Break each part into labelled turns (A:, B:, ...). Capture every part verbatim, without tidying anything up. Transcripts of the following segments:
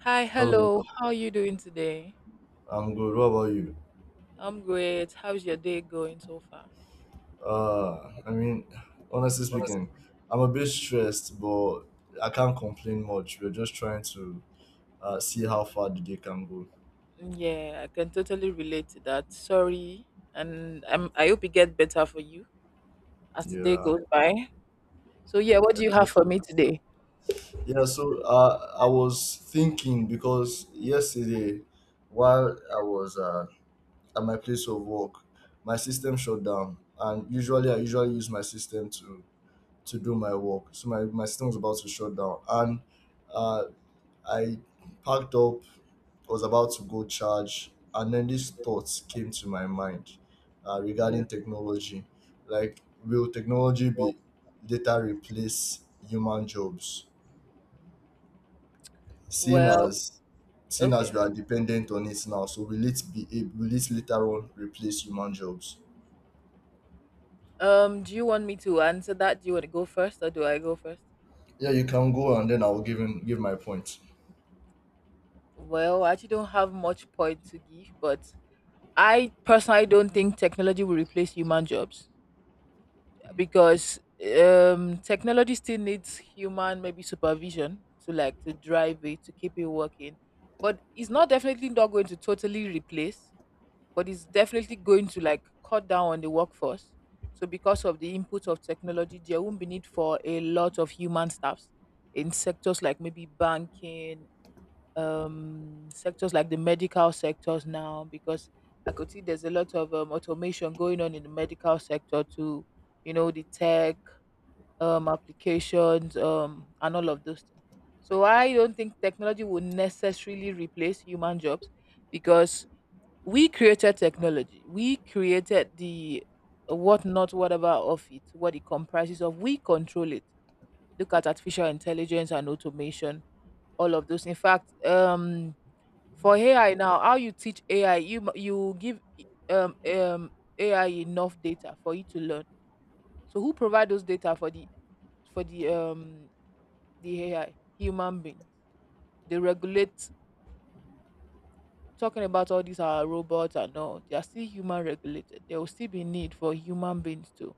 A: Hi,
B: Hello,
A: hello. How are you doing today?
B: I'm good. What about you?
A: I'm great. How's your day going so far?
B: Uh, I mean, honestly speaking, I'm a bit stressed, but I can't complain much. We're just trying to uh, see how far the day can go.
A: Yeah, I can totally relate to that. Sorry, and I'm. I hope it gets better for you as the day
B: Yeah,
A: goes by. So yeah, what
B: I
A: do you
B: pray
A: have for
B: so.
A: me today?
B: Yeah, so uh, I was thinking because yesterday, while I was uh, at my place of work, my system shut down, and usually I usually use my system to to do my work. So my my system was about to shut down, and uh, I packed up. I was about to go charge, and then these thoughts came to my mind uh,
A: Mm.
B: regarding technology. Like, will technology be later replace human jobs? Seeing
A: Well,
B: as Seeing as we
A: okay.
B: are dependent on it now, so will it be ab- will it later on replace human jobs?
A: Um, do you want me to answer that? Do you want to go first, or do I go first?
B: Yeah, you can go, and then I will give him give my point.
A: Well, I actually don't have much point to give, but I personally don't think technology will replace human jobs
B: Hmm.
A: because um technology still needs human maybe supervision to like to drive it to keep it working, but it's not, definitely not going to totally replace, but it's definitely going to like cut down on the workforce. So because of the input of technology, there won't be need for a lot of human staffs in sectors like maybe banking, um, sectors like the medical sectors now because I could see there's a lot of um, automation going on in the medical sector to, you know, the tech um, applications um, and all of those things. So I don't think technology will necessarily replace human jobs because we created technology. We created the what not whatever of it, what it comprises of. We control it. Look at artificial intelligence and automation, all of those. In fact, um, for A I now, how you teach A I, you mu- you give i- um um A I enough data for it to learn. So who provide those data for the for the um the A I? Human beings. They regulate, talking about all these are robots and all, they are still human regulated. There will still be need for human beings too.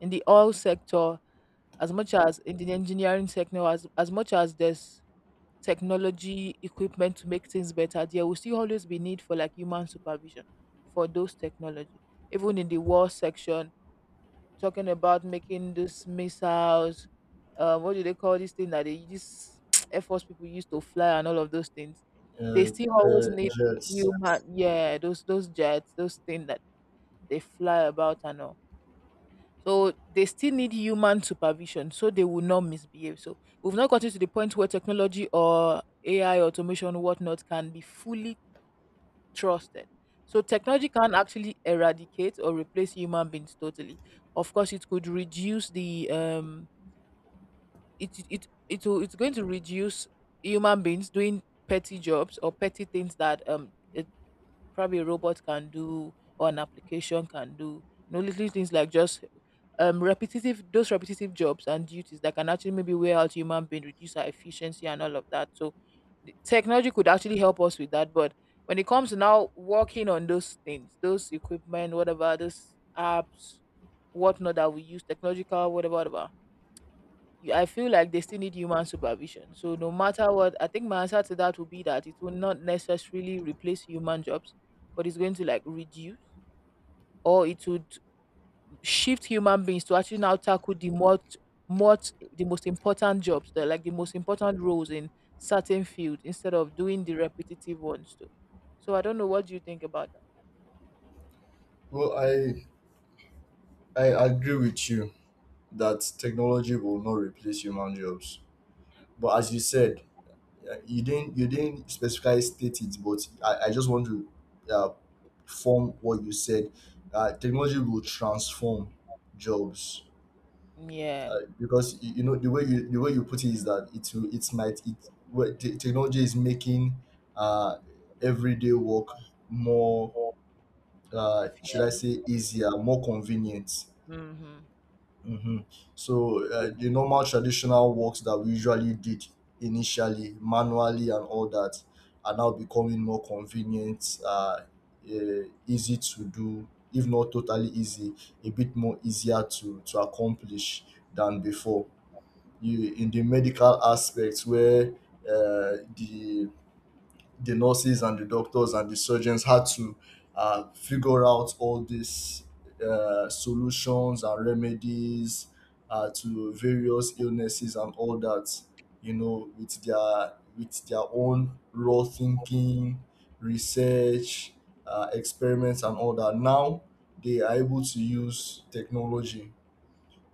A: In the oil sector, as much as in the engineering sector, as as much as there's technology equipment to make things better, there will still always be need for like human supervision for those technology, even in the war section, talking about making these missiles, um, what do they call this thing that they use air force people used to fly and all of those things. They
B: Uh,
A: still
B: uh,
A: always need
B: Jets.
A: human, yeah, those those jets, those things that they fly about and all, so they still need human supervision so they will not misbehave. So we've not gotten to the point where technology or A I automation whatnot can be fully trusted. So technology can't actually eradicate or replace human beings totally. Of course, it could reduce the um it it it will, it's going to reduce human beings doing petty jobs or petty things that um probably a robot can do or an application can do. You know, little things like just um repetitive, those repetitive jobs and duties that can actually maybe wear out human being, reduce our efficiency and all of that. So the technology could actually help us with that. But when it comes to now working on those things, those equipment, whatever, those apps, whatnot that we use, technological, whatever, whatever, you- I feel like they still need human supervision. So no matter what, I think my answer to that would be that it will not necessarily replace human jobs, but it's going to like reduce, or it would shift human beings to actually now tackle the more, more the most important jobs, the like the most important roles in certain fields, instead of doing the repetitive ones too. So I don't know, what do you think about that?
B: Well, I I agree with you that technology will not replace human jobs. But as you said, Uh, you didn't you didn't specifically state it, but I, I just want to uh, form what you said. Uh, technology will transform jobs uh,
A: Yeah,
B: because you, you know the way you the way you put it is that it will it might it well, te- technology is making uh, everyday work more, uh, should I
A: efficient.
B: say easier, more convenient.
A: Hmm.
B: Mhm. So uh, the normal traditional works that we usually did initially manually and all that are now becoming more convenient, uh, uh, easy to do, if not totally easy, a bit more easier to, to accomplish than before. You, in the medical aspect where uh, the the nurses and the doctors and the surgeons had to uh, figure out all these uh, solutions and remedies uh, to various illnesses and all that, you know, with their with their own raw thinking, research, uh, experiments and all that, now they are able to use technology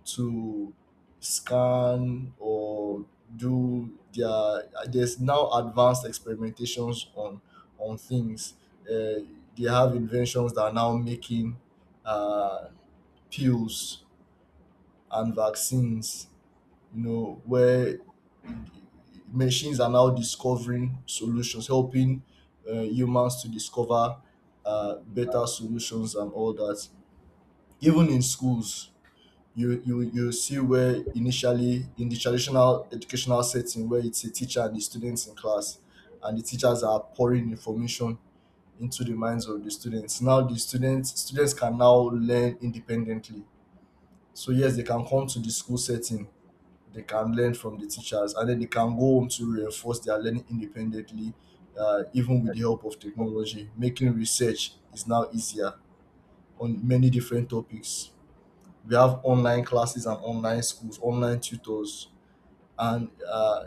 B: to scan or do their, there's now advanced experimentations on on things. uh, they have inventions that are now making uh, pills and vaccines, you know, where machines are now discovering solutions, helping uh, humans to discover uh, better solutions and all that. Even in schools, you you you see where initially in the traditional educational setting where it's a teacher and the students in class, and the teachers are pouring information into the minds of the students, now the students students can now learn independently. So yes, they can come to the school setting, they can learn from the teachers, and then they can go home to reinforce their learning independently. Uh, even with the help of technology, making research is now easier on many different topics. We have online classes and online schools, online tutors, and uh,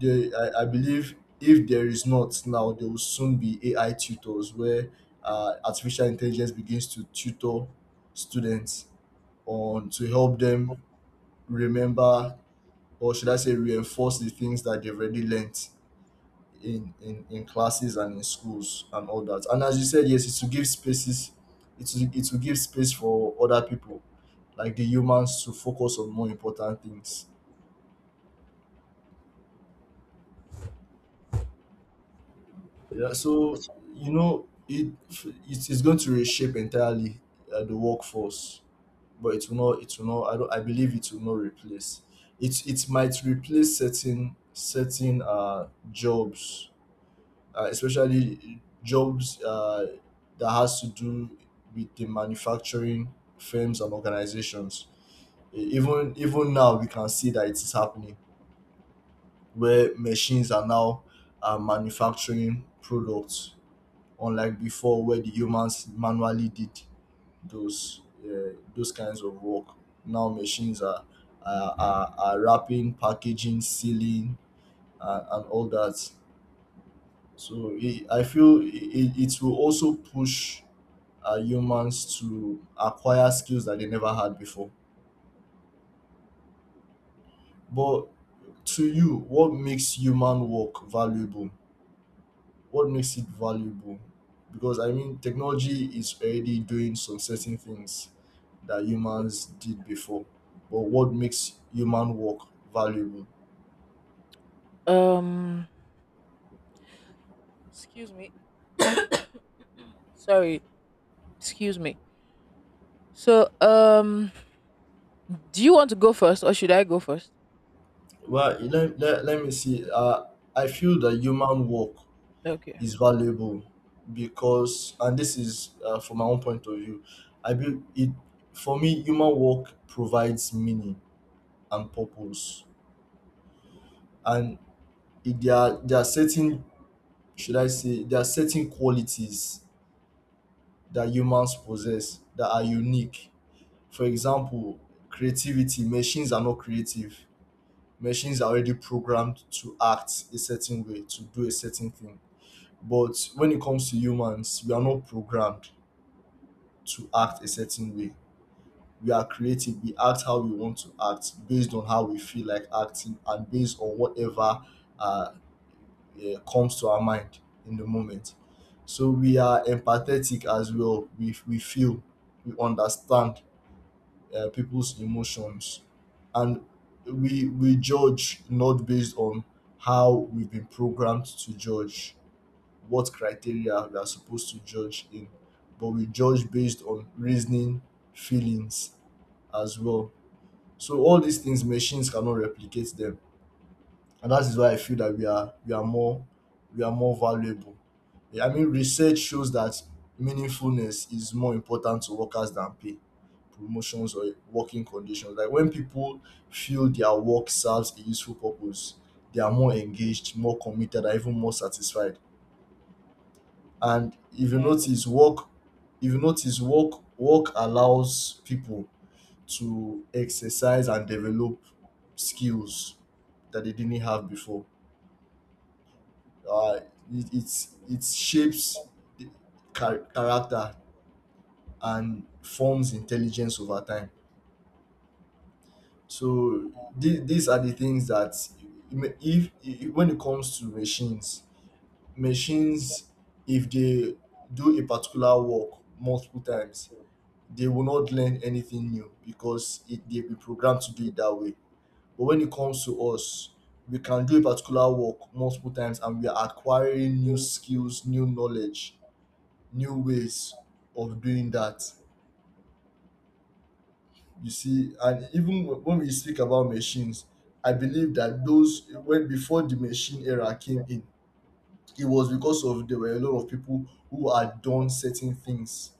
B: they, I, I believe if there is not now, there will soon be A I tutors where uh, artificial intelligence begins to tutor students on to help them remember, or should I say reinforce the things that they've already learnt in, in in classes and in schools and all that. And as you said, yes, it will give spaces, it will, it will give space for other people, like the humans, to focus on more important things. Yeah, so you know, it it is going to reshape entirely uh, the workforce, but it will not. It will not. I don't. I believe it will not replace. It it might replace certain certain uh jobs, uh, especially jobs uh, that has to do with the manufacturing firms and organizations. E- Even even now, we can see that it is happening where machines are now uh, manufacturing products, unlike before where the humans manually did those uh, those kinds of work. Now machines are are, are, are wrapping, packaging, sealing, uh, and all that. So it, I feel it, it it will also push uh, humans to acquire skills that they never had before. But to you, what makes human work valuable? What makes it valuable? Because I mean, technology is already doing some certain things that humans did before. But what makes human work valuable?
A: Um, Excuse me. Sorry, excuse me. So um do you want to go first or should I go first?
B: Well, let, let, let me see. Uh, I feel that human work
A: Okay.
B: is valuable because, and this is uh, from my own point of view, I believe it, for me, human work provides meaning and purpose, and it, there are there are certain, should I say, there are certain qualities that humans possess that are unique. For example, creativity. Machines are not creative. Machines are already programmed to act a certain way, to do a certain thing. But when it comes to humans, we are not programmed to act a certain way. We are creative. We act how we want to act based on how we feel like acting and based on whatever uh, eh, comes to our mind in the moment. So we are empathetic as well. We, we feel, we understand uh, people's emotions. And we we judge not based on how we've been programmed to judge, what criteria we are supposed to judge in, but we judge based on reasoning, feelings as well. So all these things machines cannot replicate them. And that is why I feel that we are we are more, we are more valuable. Yeah, I mean research shows that meaningfulness is more important to workers than pay, promotions or working conditions. Like when people feel their work serves a useful purpose, they are more engaged, more committed, and even more satisfied. And if you
A: Yeah.
B: notice work if you notice work, work allows people to exercise and develop skills that they didn't have before. Uh, it, it's it shapes the char- character and forms intelligence over time. So th- these are the things that if, if when it comes to machines, machines, if they do a particular work multiple times, they will not learn anything new because it, they've been programmed to do it that way. But when it comes to us, we can do a particular work multiple times and we are acquiring new skills, new knowledge, new ways of doing that. You see, and even wh- when we speak about machines, I believe that those, when before the machine era came in, it was because of there were a lot of people who had done certain things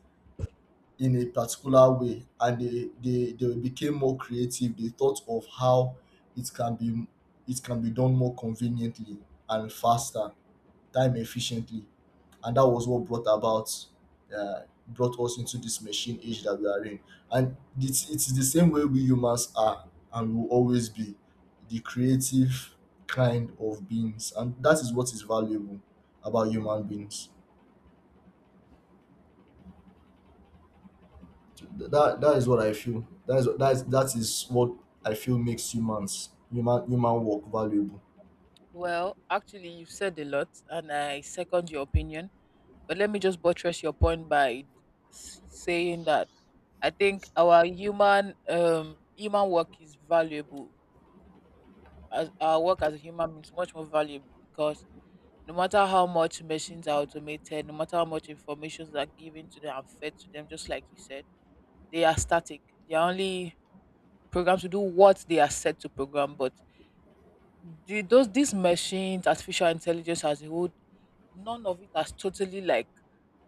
B: in a particular way, and they they they became more creative. They thought of how it can be it can be done more conveniently and faster, time efficiently. And that was what brought about, uh, brought us into this machine age that we are in. And it's, it's the same way we humans are and will always be the creative kind of beings, and that is what is valuable about human beings. Th- that that is what I feel. That is that is that is what I feel makes humans human human work valuable.
A: Well, actually, you said a lot, and I second your opinion. But let me just buttress your point by s- saying that I think our human um human work is valuable. As our work as a human being is much more valuable because no matter how much machines are automated, no matter how much information are given to them and fed to them, just like you said, they are static. They are only programmed to do what they are set to program, but the, those these machines, artificial intelligence as a whole, none of it has totally like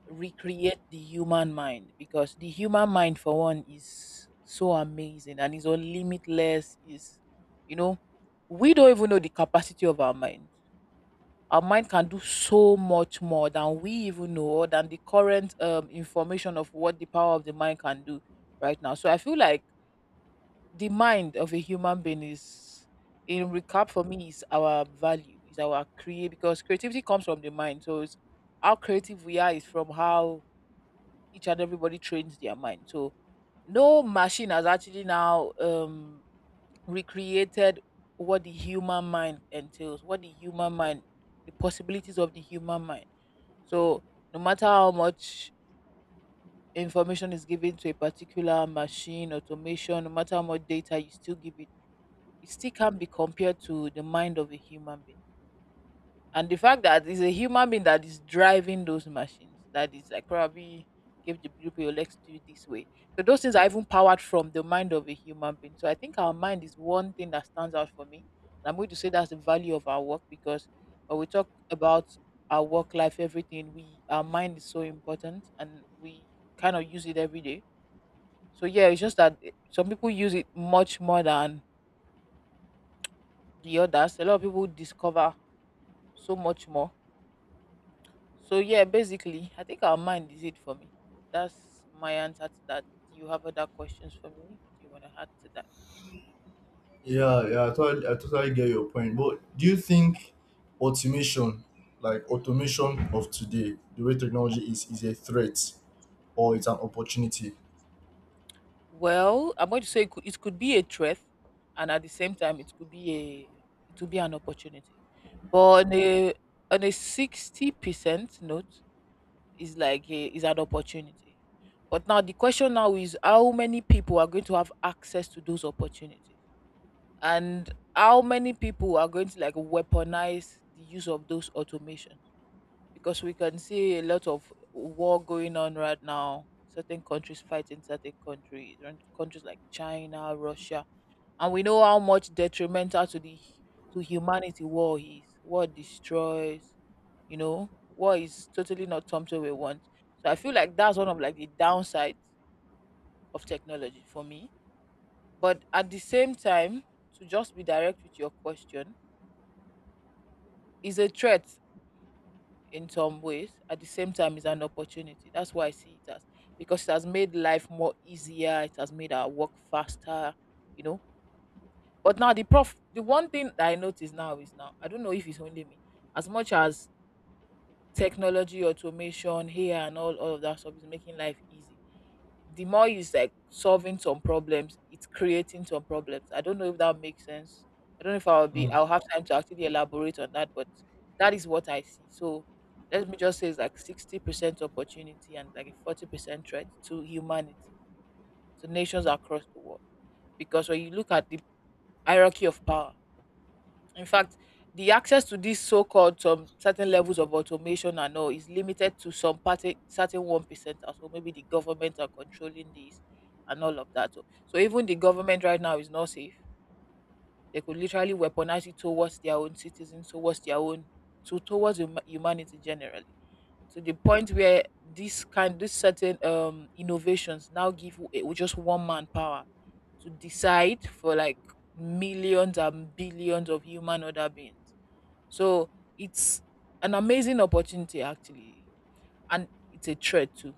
A: recreate the human mind, because the human mind for one is so amazing and is all limitless. Is, you know, we don't even know the capacity of our mind. Our mind can do so much more than we even know, or than the current um, information of what the power of the mind can do right now. So I feel like the mind of a human being is, in recap for me, is our value, is our create, because creativity comes from the mind, so it's how creative we are is from how each and everybody trains their mind. So no machine has actually now um recreated what the human mind entails, what the human mind, the possibilities of the human mind. So no matter how much information is given to a particular machine automation, no matter how much data you still give it, it still can't be compared to the mind of a human being. And the fact that it's a human being that is driving those machines, that is like probably give the blueprint, "Oh, let's do it this way." So those things are even powered from the mind of a human being. So I think our mind is one thing that stands out for me. And I'm going to say that's the value of our work, because when we talk about our work life, everything, we, our mind is so important, and we kind of use it every day. So yeah, it's just that eh, some people use it much more than the others. A lot of people discover so much more. So yeah, basically, I think our mind is it for me. That's my answer to that. Do you have other questions for me? What do you want to add to that?
B: Yeah, yeah, I totally, I totally get your point. But do you think automation, like automation of today, the way technology is, is a threat or it's an opportunity?
A: Well, I'm going to say it could, it could be a threat, and at the same time, it could be a, it would be an opportunity. But on a, on a sixty percent note, is like a, is an opportunity. But now the question now is how many people are going to have access to those opportunities, and how many people are going to like weaponize the use of those automation, because we can see a lot of war going on right now, certain countries fighting certain countries, and countries like China, Russia. And we know how much detrimental to the, to humanity war is. War destroys, you know. War is totally not something we want. So I feel like that's one of like the downsides of technology for me. But at the same time, to just be direct with your question, is a threat in some ways, at the same time it's an opportunity. That's why I see it as, because it has made life more easier, it has made our work faster, you know. But now the prof the one thing that I notice now is, now I don't know if it's only me, as much as technology automation here and all, all of that stuff is making life easy, the more you like solving some problems, it's creating some problems. I don't know if that makes sense. I don't know if I'll be
B: Mm.
A: I'll have time to actually elaborate on that, but that is what I see. So let me just say it's like sixty percent opportunity and like a forty percent threat to humanity, to nations across the world. Because when you look at the hierarchy of power, in fact, the access to these so-called some certain levels of automation and all is limited to some party certain one percenters, or so. Maybe the government are controlling this and all of that. So, so even the government right now is not safe. They could literally weaponize it towards their own citizens, towards their own, to towards hum- humanity generally. To the point where this kind, this certain um innovations now give w- eh, just one man power to decide for like millions and billions of human other beings. So it's an amazing opportunity actually, and it's a threat too.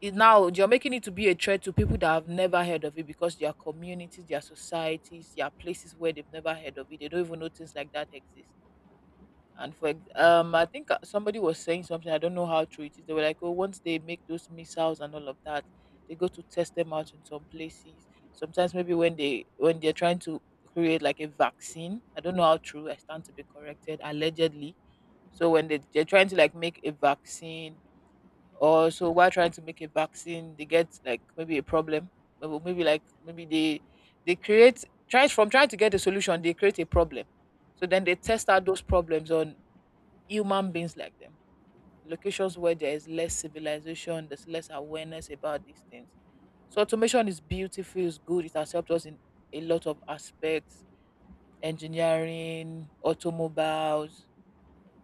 A: It, now you're making it to be a threat to people that have never heard of it, because their communities, their societies, their places where they've never heard of it, they don't even know things like that exist. And for ex- um, I think uh, somebody was saying something. I don't know how true it is. They were like, oh, once they make those missiles and all of that, they go to test them out in some places. Sometimes maybe when they when they're trying to create like a vaccine. I don't know how true. I stand to be corrected. Allegedly, so when they they're trying to like make a vaccine, or so while trying to make a vaccine, they get like maybe a problem, or maybe like maybe they they create try from trying to get a solution, they create a problem. So then they test out those problems on human beings like them, locations where there is less civilization, there's less awareness about these things. So automation is beautiful, it's good, it has helped us in a lot of aspects, engineering, automobiles,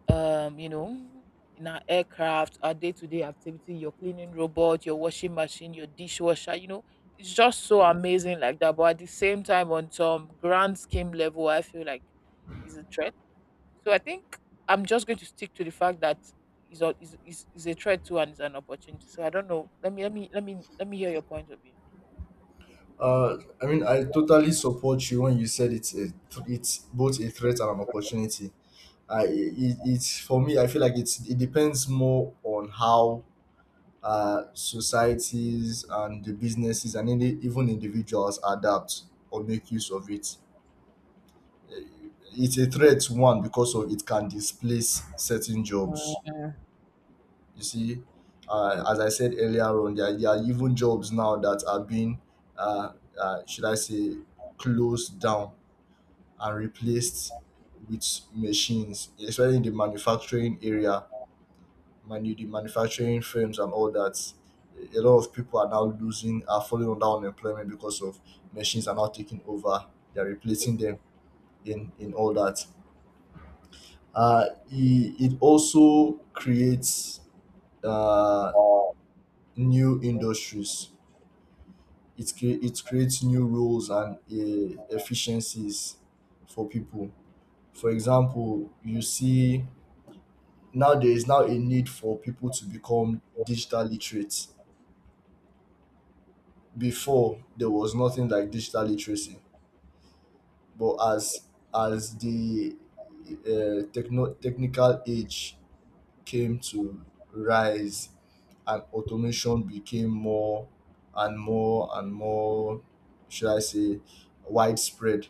A: um, you know, in our aircraft, our day to day activity, your cleaning robot, your washing machine, your dishwasher, you know, it's just so amazing like that. But at the same time, on some grand scheme level, I feel like is a threat. So I think I'm just going to stick to the fact that is a is, is, is a threat too and is an opportunity. So I don't know. Let me let me let me let me hear your point of view.
B: Uh, I mean, I totally support you when you said it's a, th- it's both a threat and an opportunity. I it, it's for me. I feel like it's it depends more on how uh, societies and the businesses and indi- even individuals adapt or make use of it. Uh, It's a threat one because of it can displace certain jobs. You see, uh, as I said earlier on, there, there are even jobs now that are being, uh, uh, should I say, closed down and replaced with machines, especially in the manufacturing area, manu- the manufacturing firms and all that. A lot of people are now losing, are falling under unemployment because of machines are now taking over. They're replacing them in, in all that. Uh, it, it also creates uh, new industries. It, cre- it creates new roles and uh, efficiencies for people. For example, you see now there is now a need for people to become digital literate. Before there was nothing like digital literacy, but as as the uh, techno- technical age came to rise and automation became more and more and more, should I say, widespread,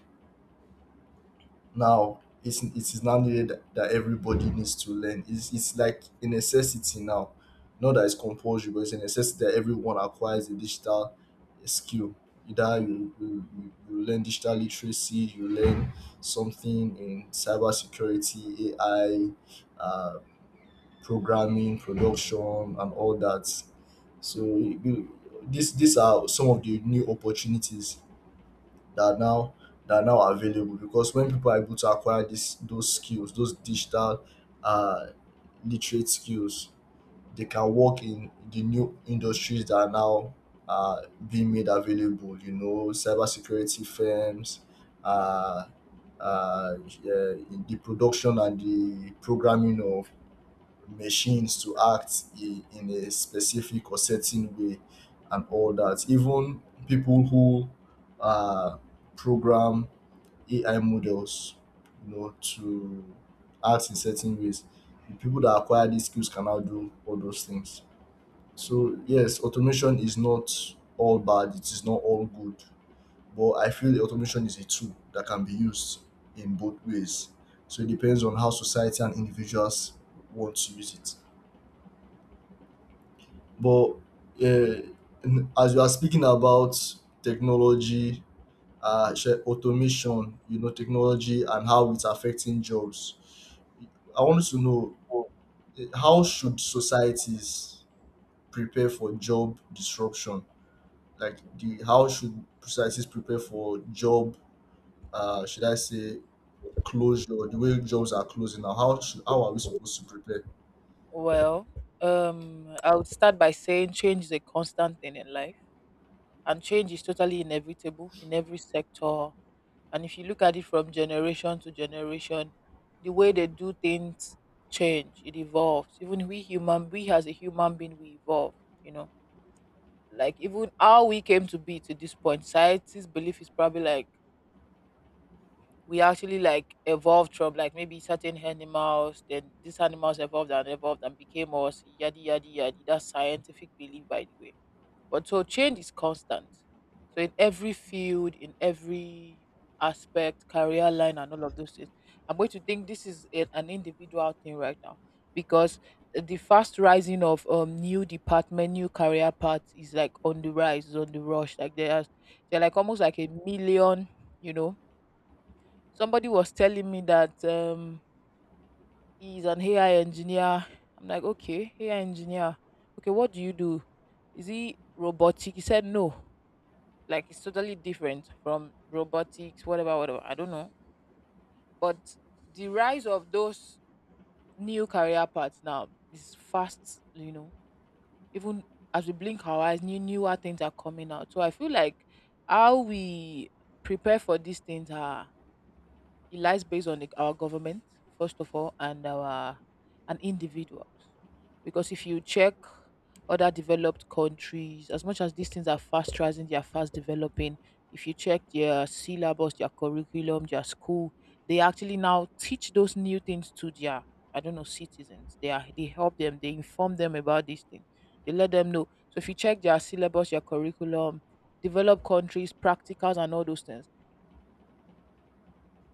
B: now it's it is now needed that everybody needs to learn. It's, it's like a necessity now. Not that it's compulsory, but it's a necessity that everyone acquires a digital skill. Either you, you, you you learn digital literacy, you learn something in cybersecurity, A I, uh, programming, production, and all that. So you- these these are some of the new opportunities that are now, that are now available. Because when people are able to acquire this those skills, those digital uh, literate skills, they can work in the new industries that are now uh, being made available, you know, cybersecurity firms, uh, uh, uh, in the production and the programming of machines to act i- in a specific or certain way and all that. Even people who uh, program A I models, you know, to act in certain ways, the people that acquire these skills cannot do all those things. So yes, automation is not all bad. It is not all good, but I feel the automation is a tool that can be used in both ways. So it depends on how society and individuals want to use it. But uh, in- as you are speaking about technology, uh, sh- automation, you know, technology and how it's affecting jobs, I wanted to know, eh, how should societies prepare for job disruption? Like the How should societies prepare for job? Uh, should I say closure? The way jobs are closing now, how should, how are we supposed to prepare?
A: Well, um, I would start by saying change is a constant thing in life. And change is totally inevitable in every sector. And if you look at it from generation to generation, the way they do things change, it evolves. Even we human, we as a human being, we evolve, you know. Like even how we came to be to this point, society's belief is probably like we actually like evolved from like maybe certain animals, then these animals evolved and evolved and became us, yadi yadi yadi. That's scientific belief by the way, but so change is constant. So in every field, in every aspect, career line, and all of those things, I'm going to think this is a, an individual thing right now because the fast rising of um new department, new career paths is like on the rise, is on the rush. Like there's they're like almost like a million. You know, somebody was telling me that um he's an A I engineer. I'm like, okay, A I engineer. Okay, what do you do? Is he robotic? He said no like it's totally different from robotics, whatever, whatever. I don't know. But the rise of those new career paths now is fast, you know. Even as we blink our eyes, new newer things are coming out. So I feel like how we prepare for these things are, it lies based on the, our government, first of all, and our and individuals. Because if you check other developed countries, as much as these things are fast rising, they are fast developing. If you check their syllabus, their curriculum, their school, they actually now teach those new things to their, I don't know, citizens. They are they help them, they inform them about these things. They let them know. So if you check their syllabus, their curriculum, developed countries, practicals and all those things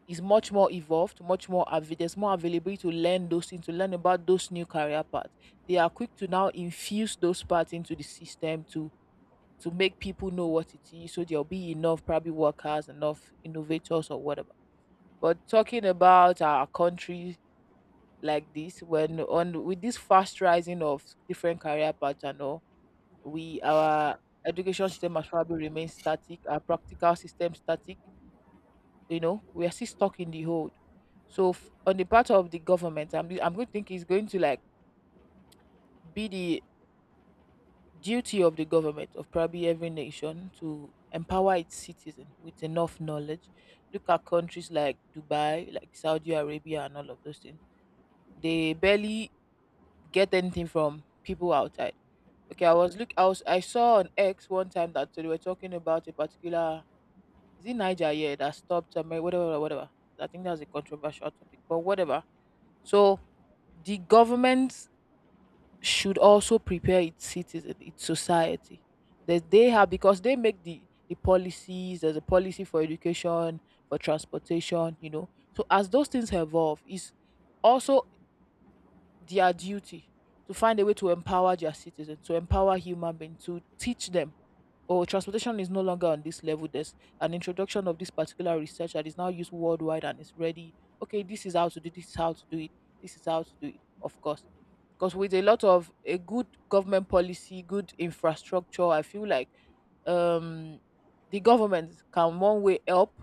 A: is much more evolved, much more avail- there's more availability to learn those things, to learn about those new career paths. They are quick to now infuse those parts into the system to to make people know what it is. So there'll be enough probably workers, enough innovators or whatever. But talking about our country like this, when on with this fast rising of different career paths and all, we our education system has probably remained static, our practical system static. You know, we are still stuck in the hold. So f- on the part of the government i'm, I'm going to think it's going to like be the duty of the government of probably every nation to empower its citizen with enough knowledge. Look at countries like Dubai, like Saudi Arabia and all of those things, they barely get anything from people outside. Okay, I was look I was I saw on X one time that they were talking about a particular, is it Niger, yeah, that stopped Amer- whatever whatever. I think that was a controversial topic, but whatever. So the government should also prepare its citizen, its society. That they have because they make the the policies. There's a policy for education, for transportation. You know, so as those things evolve, it's also their duty to find a way to empower their citizens, to empower human beings, to teach them or transportation is no longer on this level. There's an introduction of this particular research that is now used worldwide and is ready. Okay, this is how to do, this is how to do it. This is how to do it, of course. Because with a lot of a good government policy, good infrastructure, I feel like um the government can one way help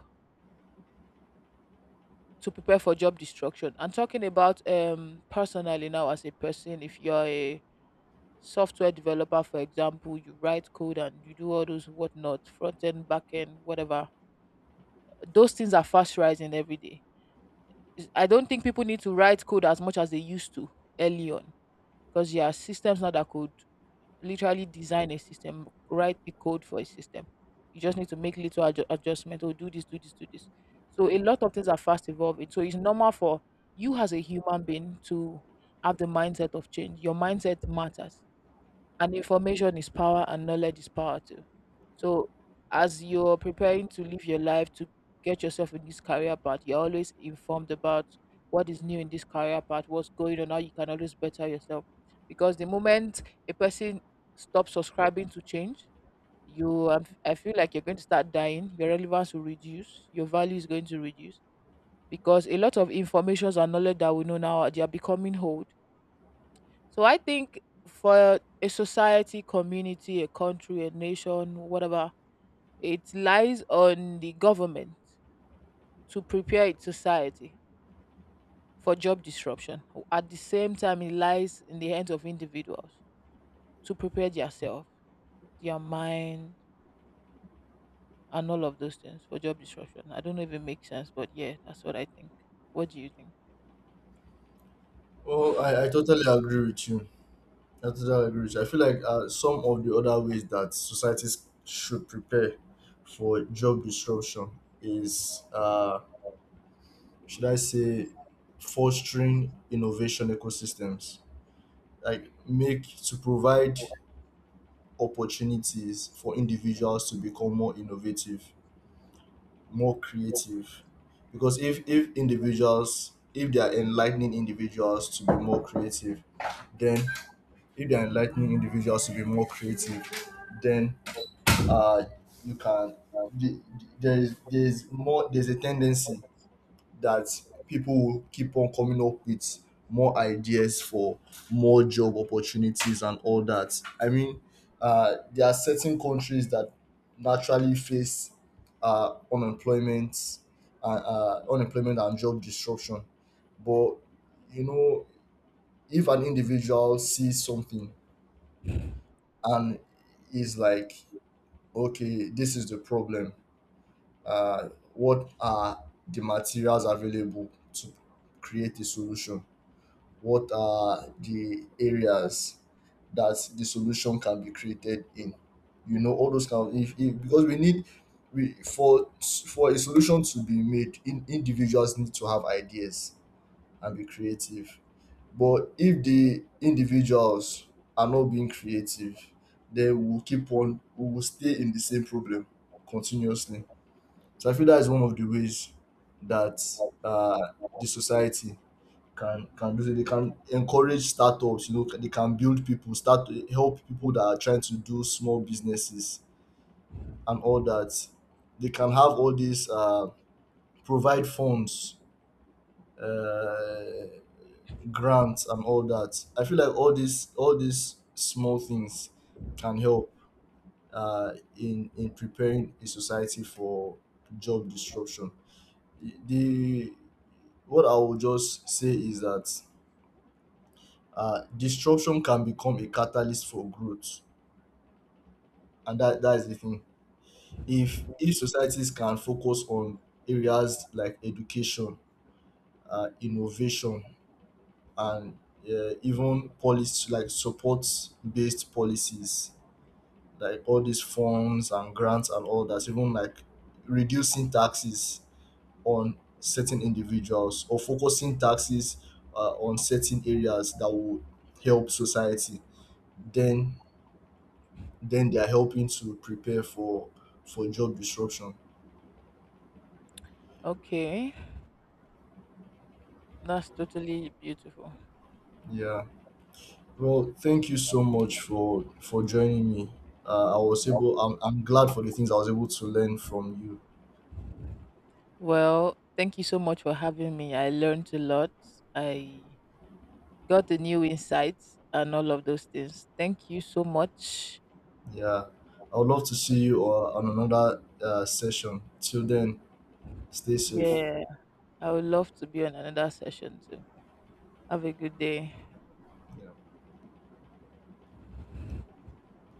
A: to prepare for job destruction. I'm talking about um personally now as a person, if you're a software developer, for example, you write code and you do all those whatnot, front end, back end, whatever, those things are fast rising every day. Is- I don't think people need to write code as much as they used to early on because there are systems now that could literally design a system, write the code for a system. You just need to make little adju- adjustment or do this, do this, do this. So a lot of things are fast evolving. So it's normal for you as a human being to have the mindset of change. Your mindset matters and information is power and knowledge is power too. So as you're preparing to live your life to get yourself in this career path, you're always informed about what is new in this career path, what's going on, how you can always better yourself. Because the moment a person stops subscribing to change, you um, I feel like you're going to start dying, your relevance will reduce, your value is going to reduce because a lot of informations and knowledge that we know now they are becoming old. So I think for a society, community, a country, a nation, whatever, it lies on the government to prepare its society for job disruption. At the same time, it lies in the hands of individuals to prepare themselves, their mind, and all of those things for job disruption. I don't know if it makes sense, but yeah, that's what I think. What do you think?
B: Well, I, I totally agree with you. I totally agree with you. I feel like uh, some of the other ways that societies should prepare for job disruption is, uh, should I say, fostering innovation ecosystems, like make to provide opportunities for individuals to become more innovative, more creative. Because if if individuals, if they are enlightening individuals to be more creative, then if they are enlightening individuals to be more creative, then uh, you can the- the- there is there's more there's a tendency that people will keep on coming up with more ideas for more job opportunities and all that. I mean, uh, there are certain countries that naturally face uh, unemployment, uh, uh, unemployment and job disruption, but you know, if an individual sees something and is like, okay, this is the problem, uh, what are the materials available to create a solution? What are the areas that the solution can be created in? You know, all those kind of. If, if Because we need, we for for a solution to be made, in, individuals need to have ideas and be creative. But if the individuals are not being creative, then we'll keep on we will stay in the same problem continuously. So I feel that is one of the ways that uh, the society can can do it. They can encourage startups. You know, they can build people, start help people that are trying to do small businesses and all that. They can have all these uh, provide funds, uh, grants, and all that. I feel like all these all these small things can help uh, in in preparing a society for job disruption. The What I will just say is that uh, disruption can become a catalyst for growth, and that that is the thing. If if societies can focus on areas like education, uh, innovation, and uh, even policy, like support based policies, like all these funds and grants and all that, even like reducing taxes on certain individuals or focusing taxes uh, on certain areas that will help society, then then they are helping to prepare for for job disruption.
A: Okay, that's totally beautiful.
B: Yeah. Well, thank you so much for for joining me. Uh, I was able. I'm I'm glad for the things I was able to learn from you.
A: Well, thank you so much for having me. I learned a lot. I got a new insight and all of those things. Thank you so much.
B: Yeah. I would love to see you uh, on another uh, session. Till then, stay safe.
A: Yeah, I would love to be on another session too. Have a good day.
B: Yeah.